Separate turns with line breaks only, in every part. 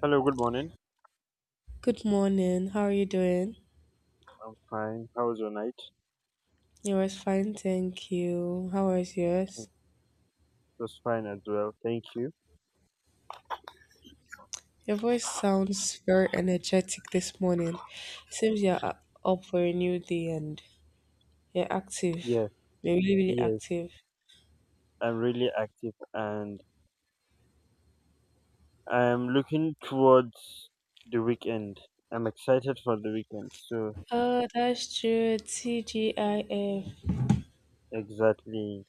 Hello, good morning.
Good morning. How are you doing?
I'm fine. How was your night?
It was fine, thank you. How was
It
yours?
was fine as well. Thank you.
Your voice sounds very energetic this morning. Seems you're up for a new day and you're active.
Yeah,
You're really, really
yes.
active.
I'm really active and I'm looking towards the weekend. I'm excited for the weekend. So,
Oh, that's true. TGIF.
exactly,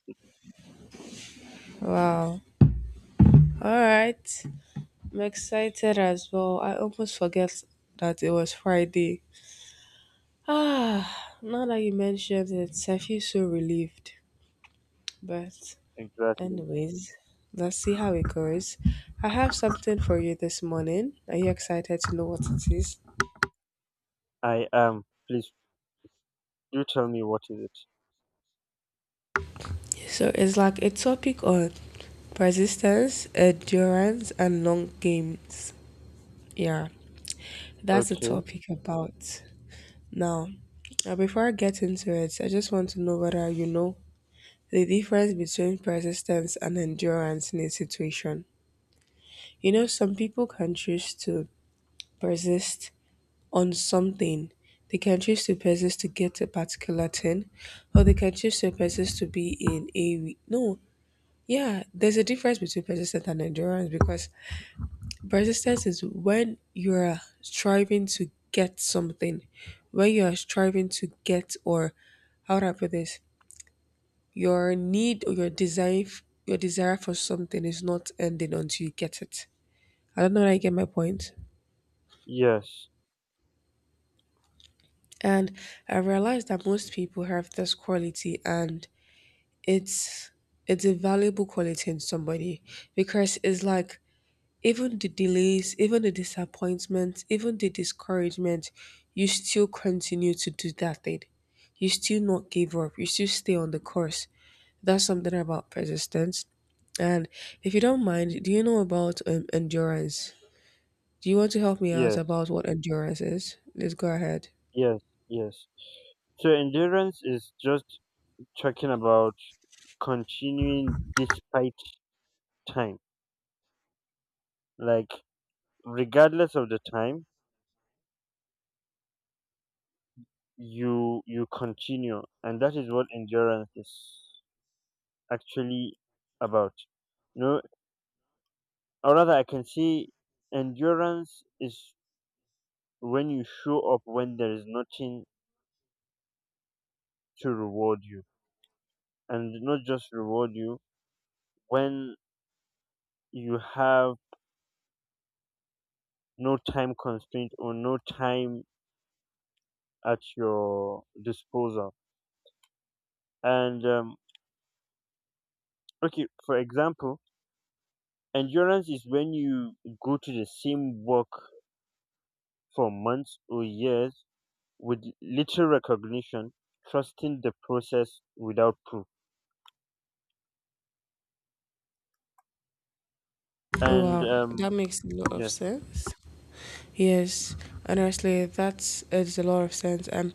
Wow. All right. I'm excited as well. I almost forget that it was Friday. Ah, now that you mentioned it, I feel so relieved. But
exactly.
Anyways, let's see how it goes. I have something for you this morning. Are you excited to know what it is?
I am. Please do tell me what is it.
So it's like a topic on persistence, endurance, and long games. Yeah, that's the
Okay.
topic about. Now, before I get into it, I just want to know whether you know the difference between persistence and endurance in a situation. You know, some people can choose to persist on something. They can choose to persist to get a particular thing, or they can choose to persist to be in a no. Yeah, there's a difference between persistence and endurance because persistence is when you're striving to get something, when you are striving to get or how do I put this? Your need or your desire, your desire for something is not ending until you get it. I don't know if I get my point.
Yes,
And I realized that most people have this quality and it's it's a valuable quality in somebody because it's like even the delays, even the disappointments, even the discouragement, you still continue to do that thing. You still not give up. You still stay on the course. That's something about persistence. And if you don't mind, do you know about endurance? Do you want to help me out
yes,
about what endurance is? Let's go ahead.
yes, yes. So, endurance is just talking about continuing despite time. Like, regardless of the time, you continue, and that is what endurance is actually about you know or rather, I can say endurance is when you show up when there is nothing to reward you, and not just reward you, when you have no time constraint or no time at your disposal. And okay, for example, endurance is when you go to the same work for months or years with little recognition, trusting the process without proof. And
Wow, that makes a lot of
yeah,
sense. Yes, honestly, that is it's a lot of sense.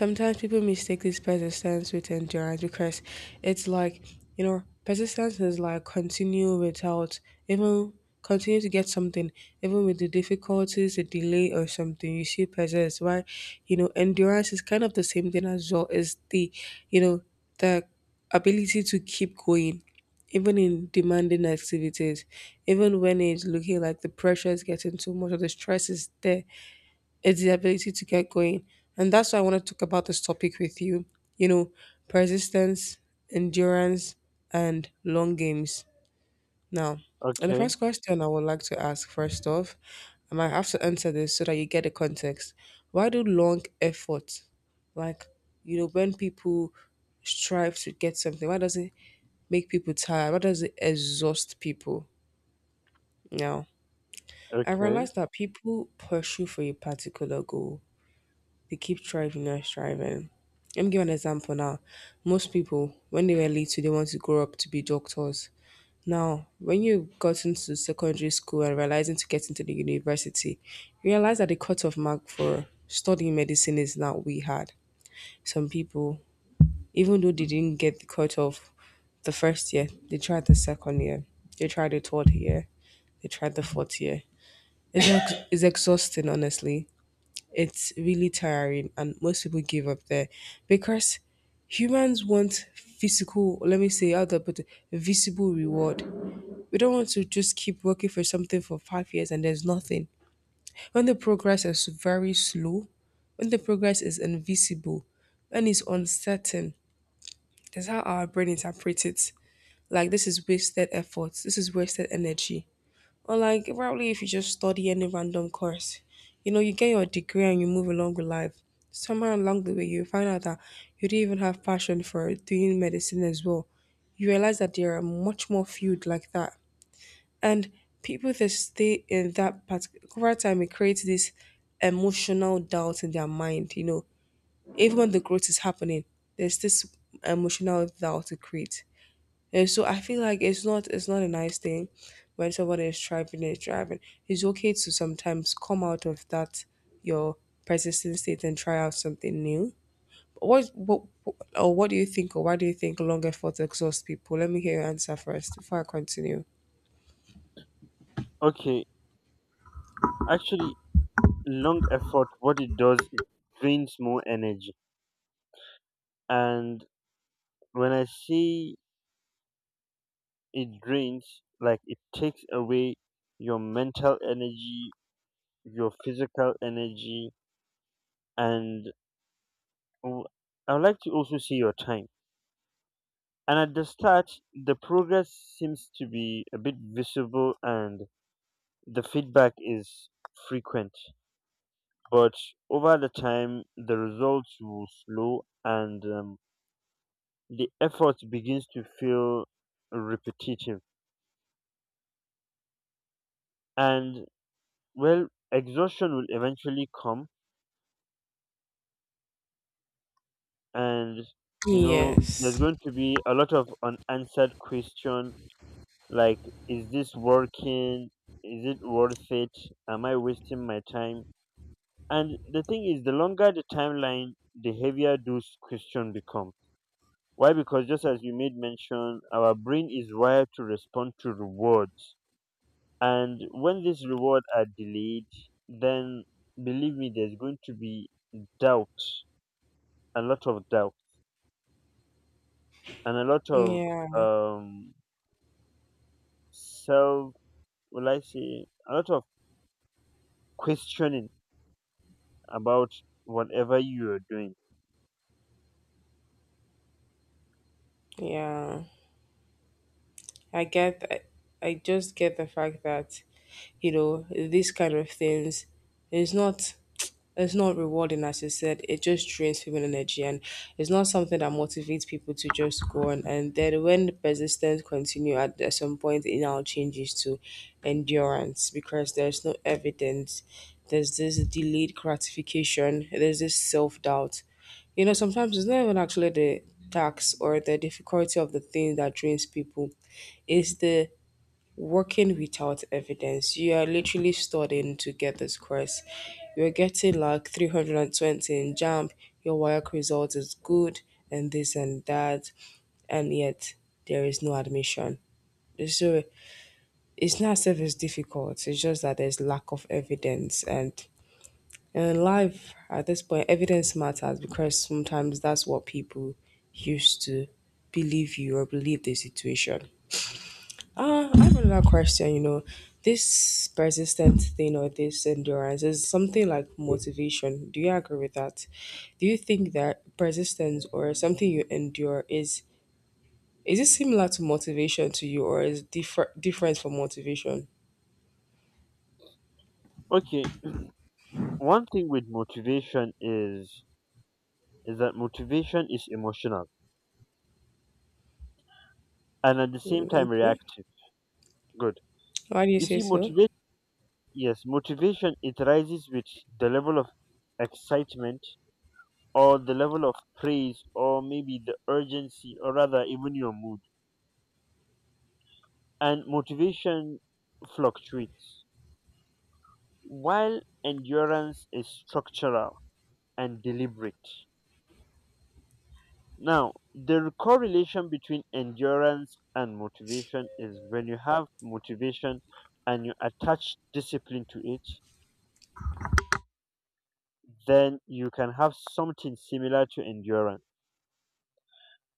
Sometimes people mistake this persistence with endurance because it's like, you know, persistence is like continue without even continue to get something, even with the difficulties, the delay or something. You still persist. Why, you know, endurance is kind of the same thing as well. Is the, you know, the ability to keep going even in demanding activities, even when it's looking like the pressure is getting too much or the stress is there, it's the ability to get going. And that's why I want to talk about this topic with you. You know, persistence, endurance, and long games. Now, and the
okay,
first question I would like to ask first off, I might have to answer this so that you get the context. Why do long effort, like, you know, when people strive to get something, why does it make people tired? What does it exhaust people? Now, I
okay,
realized that people pursue for a particular goal. They keep striving and striving. Let me give an example now. Most people, when they were little, they want to grow up to be doctors. Now, when you got into secondary school and realizing to get into the university, you realize that the cutoff mark for studying medicine is not we had. Some people, even though they didn't get the cutoff the first year, they tried the second year, they tried the third year, they tried the fourth year. It's exhausting, honestly. It's really tiring, and most people give up there because humans want physical, let me say, how do I put it, visible reward. We don't want to just keep working for something for 5 years and there's nothing. When the progress is very slow, when the progress is invisible, when it's uncertain, that's how our brain interprets it. Like, this is wasted effort, this is wasted energy. Or like probably if you just study any random course, you know, you get your degree and you move along with life. Somewhere along the way, you find out that you didn't even have passion for doing medicine as well. You realize that there are much more fields like that, and people that stay in that particular time, it creates this emotional doubt in their mind. You know, even when the growth is happening, there's this emotional doubt it creates. And so I feel like it's not a nice thing when somebody is driving and driving. It's okay to sometimes come out of that your persistent state and try out something new. What or what do you think or why do you think long effort exhaust people? Let me hear your answer first before I continue.
okay. Actually, long effort, what it does, it drains more energy. And when I say it drains, like, it takes away your mental energy, your physical energy, and w- I would like to also see your time. And at the start, the progress seems to be a bit visible, and the feedback is frequent, but over the time the results will slow, and the effort begins to feel repetitive. And well, exhaustion will eventually come, and there's
Yes.
going to be a lot of unanswered question, like, is this working? Is it worth it? Am I wasting my time? And the thing is, the longer the timeline, the heavier those questions become. Why? Because, just as you made mention, our brain is wired to respond to rewards. And when these rewards are delayed, then, believe me, there's going to be doubt, a lot of doubt, and a lot of
Yeah.
um, self, will I say, a lot of questioning about whatever you're doing.
Yeah. I get I, I just get the fact that, you know, these kind of things is not It's not rewarding, as you said. It just drains people energy, and it's not something that motivates people to just go on. And then when persistence continue, at some point, it now changes to endurance because there's no evidence. There's this delayed gratification. There's this self doubt. You know, sometimes it's not even actually the tax or the difficulty of the thing that drains people. It's the working without evidence. You are literally studying to get this course. You're getting like 320 in jump, your work result is good, and this and that, and yet there is no admission. So it's not as if it's difficult, it's just that there's lack of evidence. And in life, at this point, evidence matters because sometimes that's what people used to believe you or believe the situation. I have another question. You know, this persistent thing or this endurance is something like motivation. Do you agree with that? Do you think that persistence or something you endure is it similar to motivation to you or is different from motivation?
Okay, one thing with motivation is that motivation is emotional, and at the same
Mm,
time
okay.
reactive. Good.
Why do you
You
say
see,
so?
motivation, yes, motivation, it rises with the level of excitement, or the level of praise, or maybe the urgency, or rather even your mood. And motivation fluctuates, while endurance is structural and deliberate. Now, the correlation between endurance and motivation is, when you have motivation and you attach discipline to it, then you can have something similar to endurance.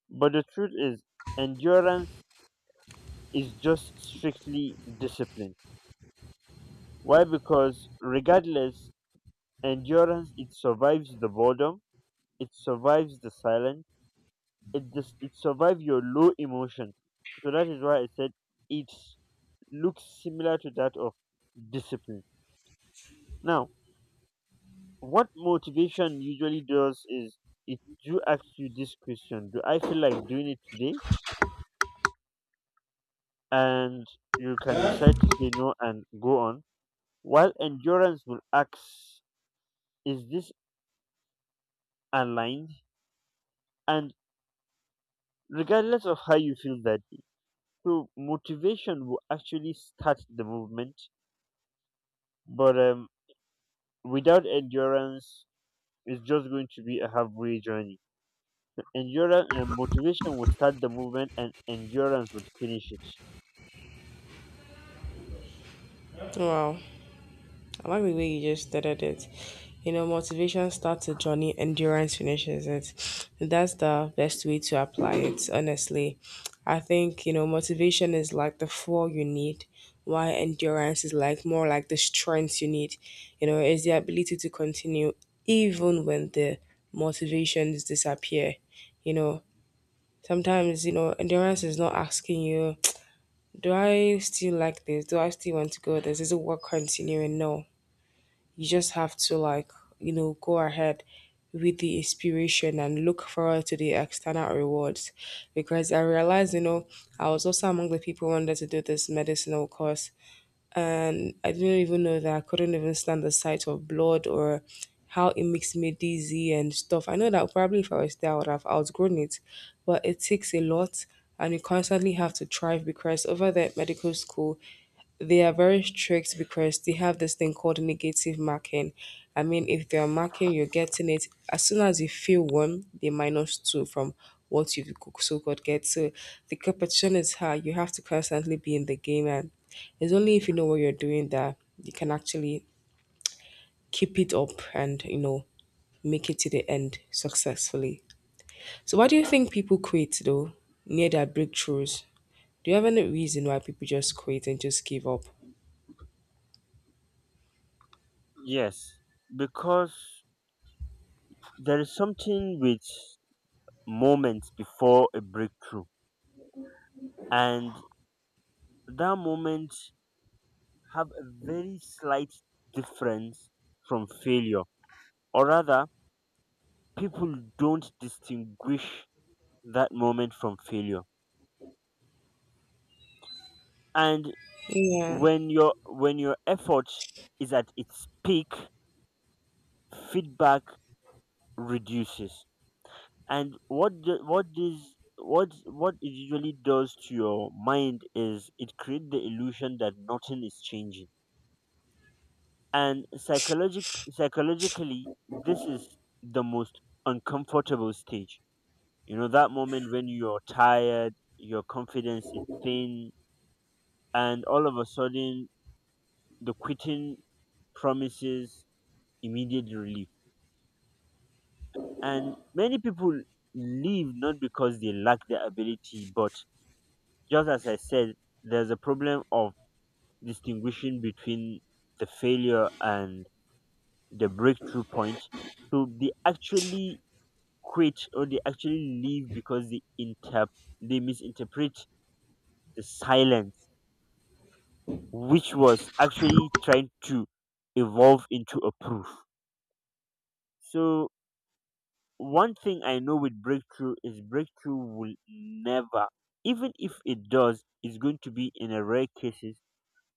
But the truth is, endurance is just strictly discipline. Why? Because, regardless, endurance, it survives the boredom, it survives the silence, it survives your low emotion. So that is why I said it looks similar to that of discipline. Now, what motivation usually does is, it do ask you this question: do I feel like doing it today? And you can decide to say no and go on, while endurance will ask, is this aligned? And regardless of how you feel that, so motivation will actually start the movement, but without endurance, it's just going to be a halfway journey. Endurance and motivation will start the movement, and endurance would finish it.
Wow. I like the way you just started it. You know, motivation starts a journey, endurance finishes it. That's the best way to apply it, honestly. I think, you know, motivation is like the fuel you need, while endurance is like more like the strength you need. You know, it's the ability to continue even when the motivations disappear. You know, sometimes, you know, endurance is not asking you, do I still like this? Do I still want to go this? Is it worth continuing? No, you just have to, like, you know, go ahead with the inspiration and look forward to the external rewards, because I realized, you know, I was also among the people who wanted to do this medicinal course, and I didn't even know that I couldn't even stand the sight of blood or how it makes me dizzy and stuff. I know that probably if I was there I would have outgrown it, but it takes a lot. And you constantly have to thrive, because over there at medical school they are very strict because they have this thing called negative marking. I mean, if they are marking, you're getting it. As soon as you feel one, they minus two from what you so called get. So the competition is high. You have to constantly be in the game, and it's only if you know what you're doing that you can actually keep it up and, you know, make it to the end successfully. So, why do you think people quit though near their breakthroughs? Do you have any reason why people just quit and just give up?
Yes, because there is something with moments before a breakthrough, and that moment have a very slight difference from failure. Or rather, people don't distinguish that moment from failure. And
Yeah.
when your effort is at its peak, feedback reduces. And what do, what does what it usually does to your mind is, it creates the illusion that nothing is changing. And psychologically, this is the most uncomfortable stage. You know, that moment when you're tired, your confidence is thin, and all of a sudden the quitting promises immediate relief. And many people leave not because they lack the ability, but, just as I said, there's a problem of distinguishing between the failure and the breakthrough point. So they actually quit, or they actually leave, because they misinterpret the silence, which was actually trying to evolve into a proof. So one thing I know with breakthrough is, breakthrough will never, even if it does, it's going to be in a rare cases,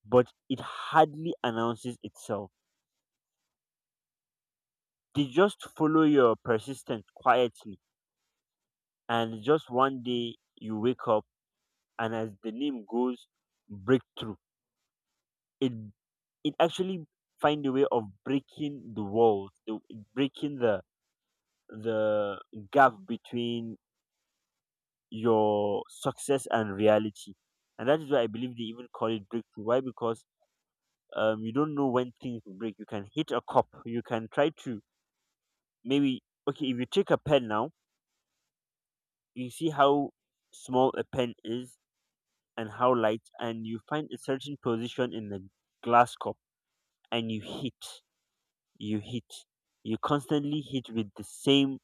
but it hardly announces itself. They just follow your persistence quietly, and just one day you wake up, and as the name goes, breakthrough. It it actually find a way of breaking the walls, breaking the gap between your success and reality. And that is why I believe they even call it breakthrough. Why? Because you don't know when things will break. You can hit a cup. You can try to maybe, okay, if you take a pen now, you see how small a pen is and how light, and you find a certain position in the glass cup, and you hit, you constantly hit with the same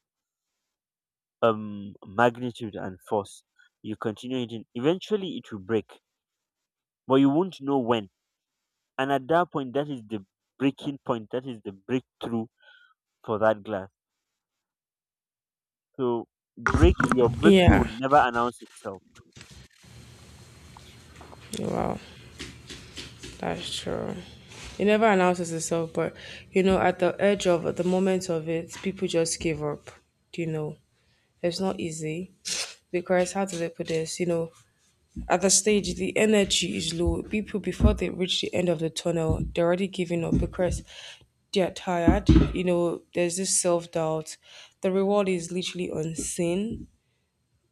magnitude and force. You continue hitting. Eventually, it will break, but you won't know when. And at that point, that is the breaking point. That is the breakthrough for that glass. So break your breakthrough will
Yeah.
never announce itself.
Wow, that's true. It never announces itself, but you know, at the edge of at the moment of it, people just give up. You know, it's not easy because how do they put this? You know, at the stage, the energy is low. People before they reach the end of the tunnel, they're already giving up because they're tired. You know, there's this self doubt. The reward is literally unseen,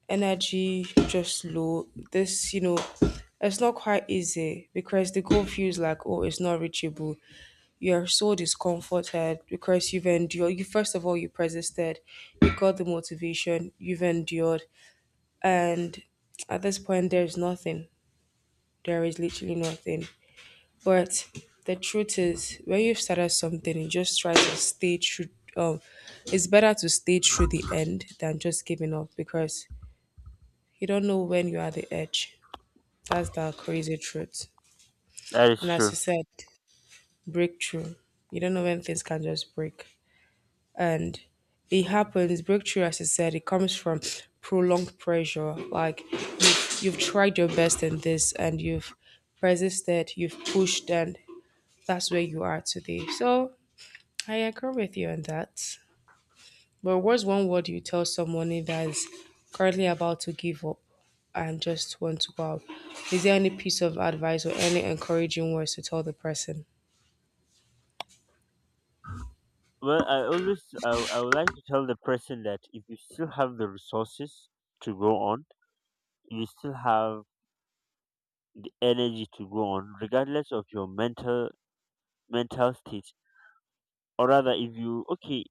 energy just low. This, you know, it's not quite easy because the goal feels like, oh, it's not reachable. You're so discomforted because you've endured. You first of all, you persisted, you got the motivation, you've endured, and at this point, there's nothing. There is literally nothing. But the truth is, when you've started something, you just try to stay true. Um, it's better to stay through the end than just giving up because you don't know when you're at the edge. That's the crazy truth.
That is
And as you
true.
said, breakthrough. You don't know when things can just break. And it happens, breakthrough, as you said, it comes from prolonged pressure. Like you've tried your best in this and you've persisted, you've pushed, and that's where you are today. So I agree with you on that. But what's one word you tell someone that's currently about to give up and just want to go out? Is there any piece of advice or any encouraging words to tell the person?
Well, I would like to tell the person that, if you still have the resources to go on, you still have the energy to go on, regardless of your mental state. Or rather, if you, okay,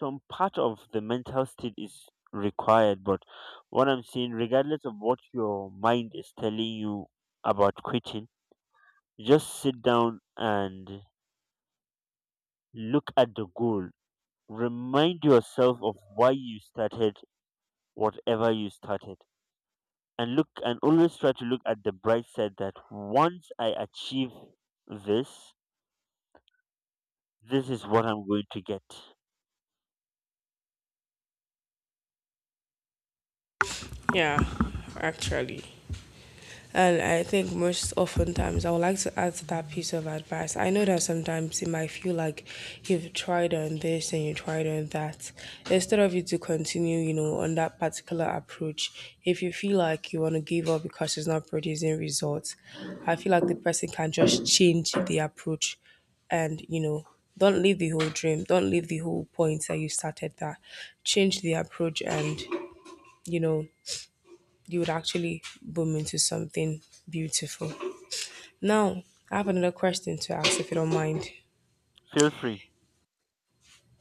some part of the mental state is required, but what I'm saying, regardless of what your mind is telling you about quitting, just sit down and look at the goal, remind yourself of why you started whatever you started, and look, and always try to look at the bright side, that once I achieve this, this is what I'm going to get.
Yeah, actually. And I think most oftentimes I would like to add to that piece of advice. I know that sometimes it might feel like you've tried on this and you tried on that. Instead of you to continue, on that particular approach, if you feel like you want to give up because it's not producing results, I feel like the person can just change the approach and don't leave the whole dream, don't leave the whole point that you started that. Change the approach and, you know, you would actually boom into something beautiful. Now, I have another question to ask if you don't mind.
Feel free.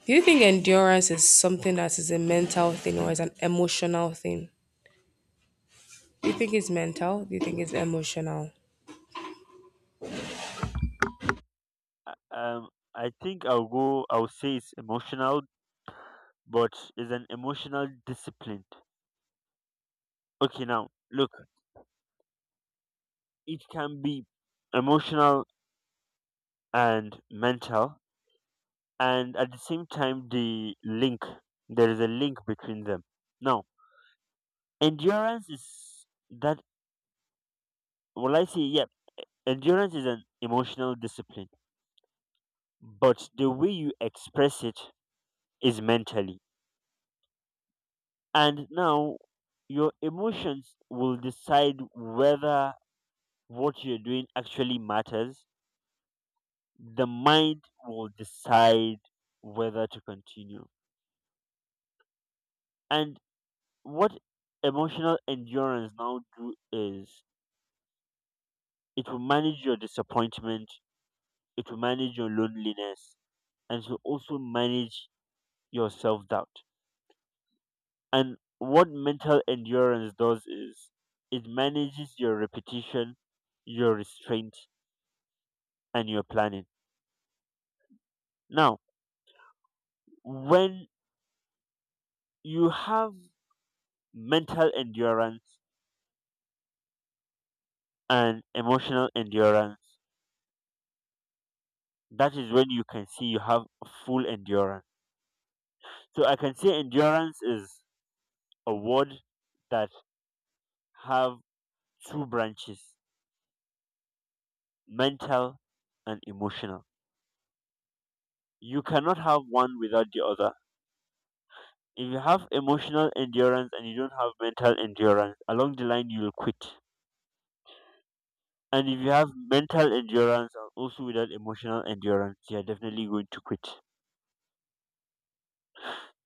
Do you think endurance is something that is a mental thing or is an emotional thing? Do you think it's mental? Do you think it's emotional?
Uh, Um, I think I'll go. I'll say it's emotional, but it's an emotional discipline. Okay, now look, it can be emotional and mental, and at the same time, there is a link between them. Now, endurance is that. Well, I say, yeah, endurance is an emotional discipline, but the way you express it is mentally. And now, your emotions will decide whether what you're doing actually matters; the mind will decide whether to continue. And what emotional endurance now do is, it will manage your disappointment, it will manage your loneliness, and it will also manage your self doubt. And what mental endurance does is, it manages your repetition, your restraint, and your planning. Now, when you have mental endurance and emotional endurance, that is when you can see you have full endurance. So I can say endurance is a word that have two branches: mental and emotional. You cannot have one without the other. If you have emotional endurance and you don't have mental endurance, along the line you will quit. And if you have mental endurance and also without emotional endurance, you are definitely going to quit.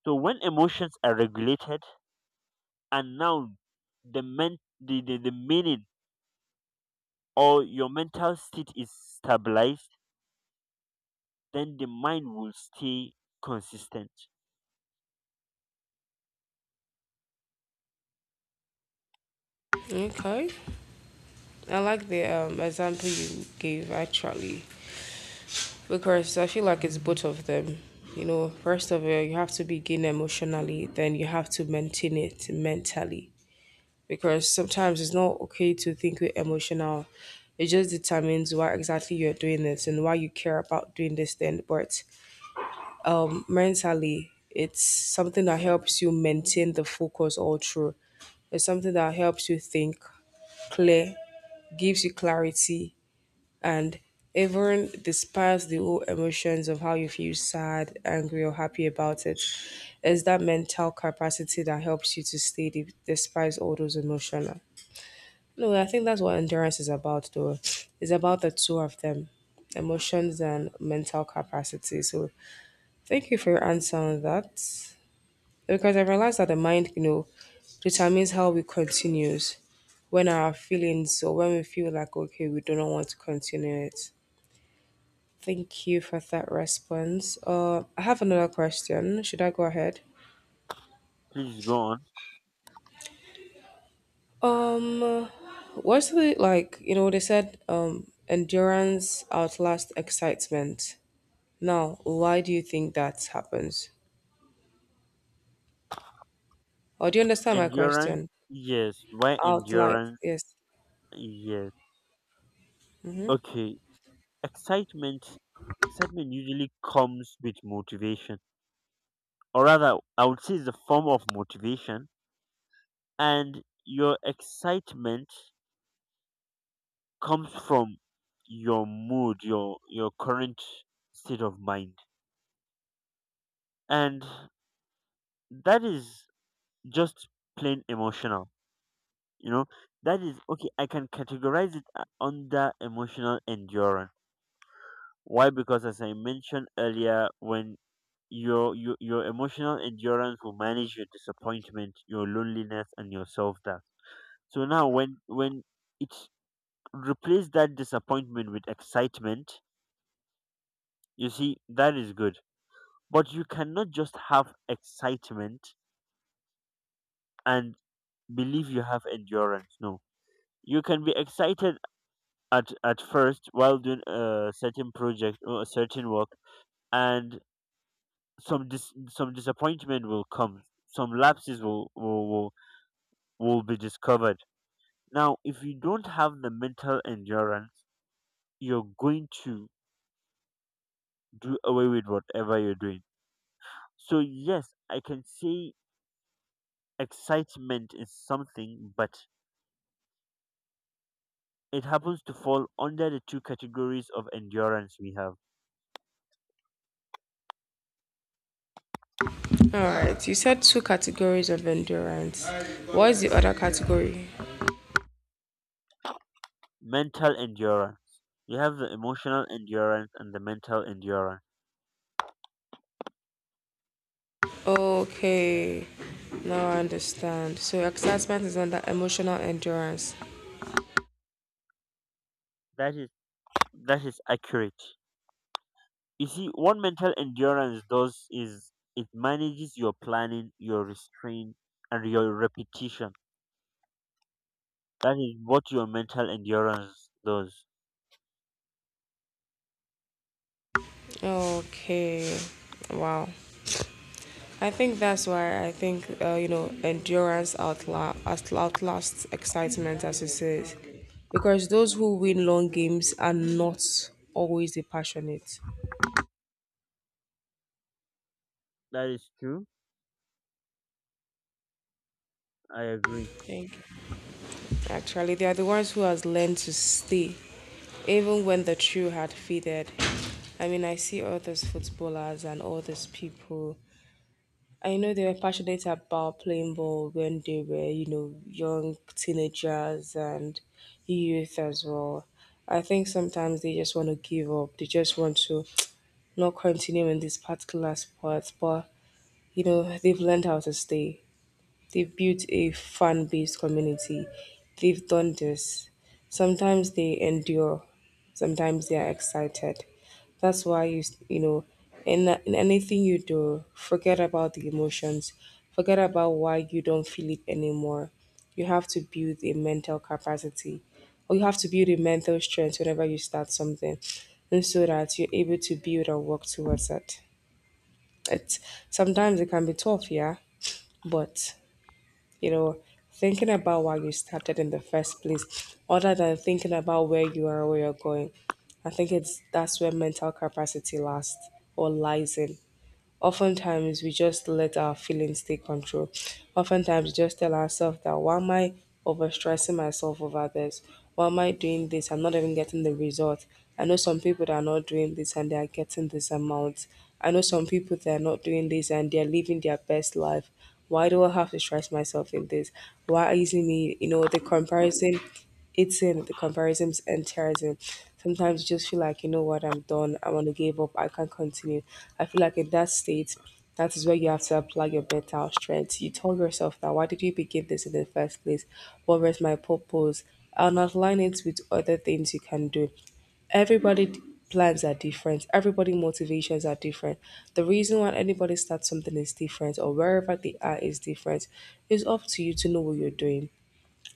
So when emotions are regulated, and noun, the meaning, or your mental state is stabilized, then the mind will stay consistent.
Okay. I like the example you gave actually because I feel like it's both of them. You know, first of all, you have to begin emotionally, then you have to maintain it mentally. Because sometimes it's not okay to think we're emotional. It just determines why exactly you're doing this and why you care about doing this thing. But mentally, it's something that helps you maintain the focus all through. It's something that helps you think clear, gives you clarity, and even despite the whole emotions of how you feel sad, angry, or happy about it, it's that mental capacity that helps you to stay deep despite all those emotions. No, I think that's what endurance is about, though. It's about the two of them, emotions and mental capacity. So, thank you for your answer on that. Because I realized that the mind determines how we continues when our feelings or when we feel like okay, we do not want to continue it. Thank you for that response. I have another question. Should I go ahead?
Please go on.
Um, what's the like? They said endurance outlasts excitement. Now, why do you think that happens? Or do you understand my
Endurance,
question?
yes, why
Outline,
endurance?
yes.
Yes, okay. Excitement excitement usually comes with motivation, or rather, I would say it's a form of motivation. And your excitement comes from your mood, your current state of mind, and that is just plain emotional. You know, that is okay, I can categorize it under emotional endurance. Why? Because, as I mentioned earlier, when your emotional endurance will manage your disappointment, your loneliness, and your self-doubt. So now, when it's replace that disappointment with excitement, you see that is good. But you cannot just have excitement and believe you have endurance. No, you can be excited at first while doing a certain project or a certain work, and some disappointment will come, some lapses will be discovered. Now, if you don't have the mental endurance, you're going to do away with whatever you're doing. So yes, I can say excitement is something, but it happens to fall under the two categories of endurance we have.
All right, you said two categories of endurance. What is the other category?
Mental endurance. You have the emotional endurance and the mental endurance.
Okay, now I understand. So, excitement is under emotional endurance.
That is that is accurate. You see, what mental endurance does is, it manages your planning, your restraint, and your repetition. That is what your mental endurance does.
Okay, wow. I think that's why I think, endurance outlasts excitement, as it says. Because those who win long games are not always the passionate.
That is true. I agree.
Thank you. Actually, they are the ones who has learned to stay, even when the true had faded. I mean, I see all these footballers and all these people. I know they were passionate about playing ball when they were, you know, young teenagers and youth as well. I think sometimes they just want to give up. They just want to not continue in this particular sport, but you know, they've learned how to stay. They've built a fan based community. They've done this. Sometimes they endure, sometimes they are excited. That's why you know, in anything you do, forget about the emotions, forget about why you don't feel it anymore. You have to build a mental capacity, or you have to build a mental strength whenever you start something, and so that you're able to build and work towards it. It's Sometimes it can be tough, yeah, but you know, thinking about why you started in the first place, other than thinking about where you are, where you're going. I think it's that's where mental capacity lasts or lies in. Oftentimes, we just let our feelings take control. Oftentimes, we just tell ourselves that why am I overstressing myself over this? Why am I doing this? I'm not even getting the result. I know some people that are not doing this and they are getting this amount. I know some people that are not doing this and they are living their best life. Why do I have to stress myself in this? Why isn't me, you know, the comparison eating, the comparisons and terrorism. Sometimes you just feel like, you know what, I'm done. I want to give up. I can't continue. I feel like in that state, that is where you have to apply your mental strength. You tell yourself that why did you begin this in the first place? What was my purpose? And align it with other things you can do. Everybody d- plans are different. Everybody motivations are different. The reason why anybody starts something is different or wherever they are is different. It's up to you to know what you're doing.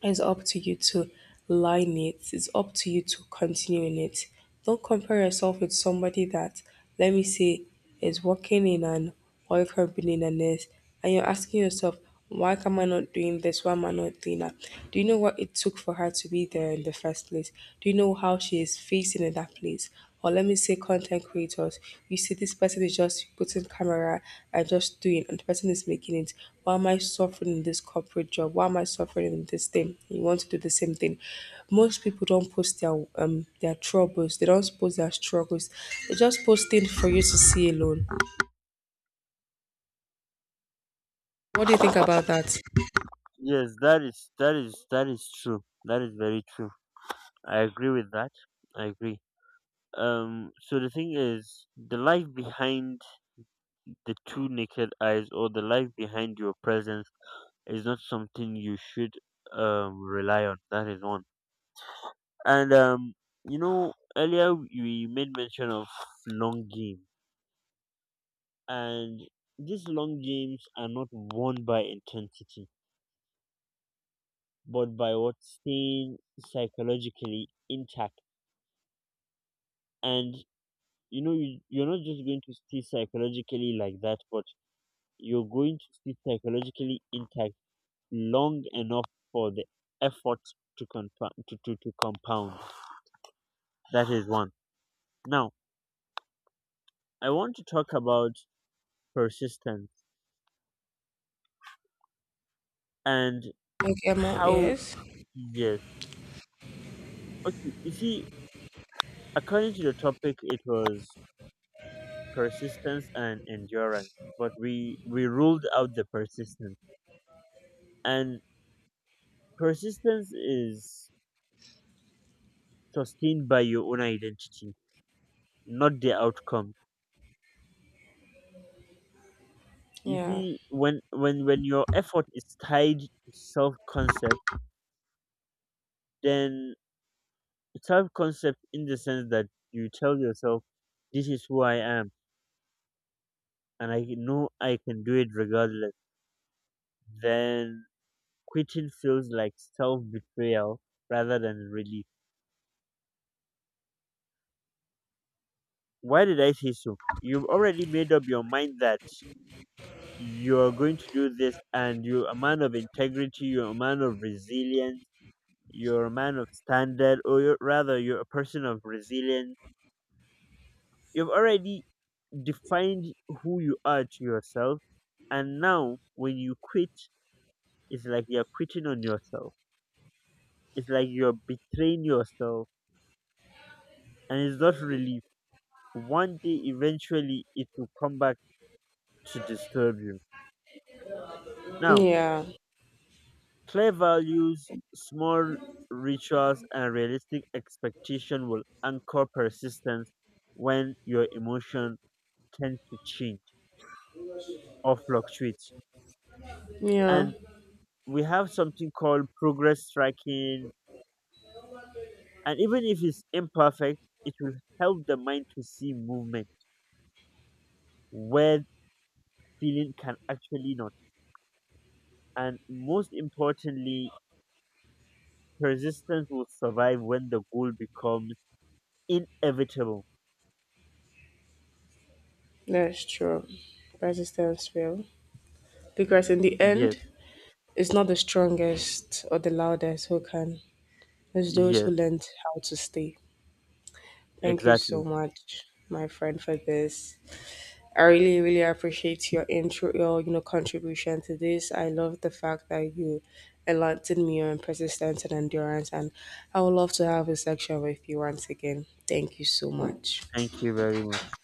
It's up to you to line it. It's up to you to continue in it. Don't compare yourself with somebody that, let me say, is working in an oil company and is and you're asking yourself, why am I not doing this? Why am I not doing that? Do you know what it took for her to be there in the first place? Do you know how she is facing in that place? Or let me say, content creators, you see this person is just putting camera and just doing, and the person is making it. Why am I suffering in this corporate job? Why am I suffering in this thing? You want to do the same thing. Most people don't post their troubles. They don't post their struggles. They just post things for you to see alone. What do you think about that?
Yes, that is true. That is very true. I agree with that. I agree. So, the thing is, the life behind the two naked eyes, or the life behind your presence, is not something you should rely on. That is one. And earlier we made mention of long game, and these long games are not won by intensity, but by what, staying psychologically intact. And you're not just going to stay psychologically like that, but you're going to stay psychologically intact long enough for the effort to compound. To compound. That is one. Now, I want to talk about persistence and.
Okay, Emma,
How?
yes.
Yes. Okay, you see, according to the topic, it was persistence and endurance, but we ruled out the persistence. And persistence is sustained by your own identity, not the outcome. You
Yeah,
see, when when your effort is tied to self concept, then, self concept in the sense that you tell yourself, "This is who I am, and I know I can do it regardless." Then quitting feels like self betrayal rather than relief. Why did I say so? You've already made up your mind that you're going to do this, and you're a man of integrity, you're a man of resilience, you're a man of standard, or rather, you're a person of resilience. You've already defined who you are to yourself, and now when you quit, it's like you're quitting on yourself. It's like you're betraying yourself, and it's not relief. One day, eventually, it will come back to disturb you. Now,
yeah,
clear values, small rituals, and realistic expectation will anchor persistence when your emotion tends to change or fluctuate.
yeah,
And we have something called progress tracking, and even if it's imperfect, it will help the mind to see movement where feeling can actually not. And most importantly, persistence will survive when the goal becomes inevitable.
that's true. Resistance will. Because in the
Yes,
end, it's not the strongest or the loudest who can, it's those
yes,
who learned how to stay. Thank you
exactly.
so much, my friend, for this. I really, really appreciate your intro, your contribution to this. I love the fact that you enlightened me on persistence and endurance, and I would love to have a section with you once again. Thank you so much.
Thank you very much.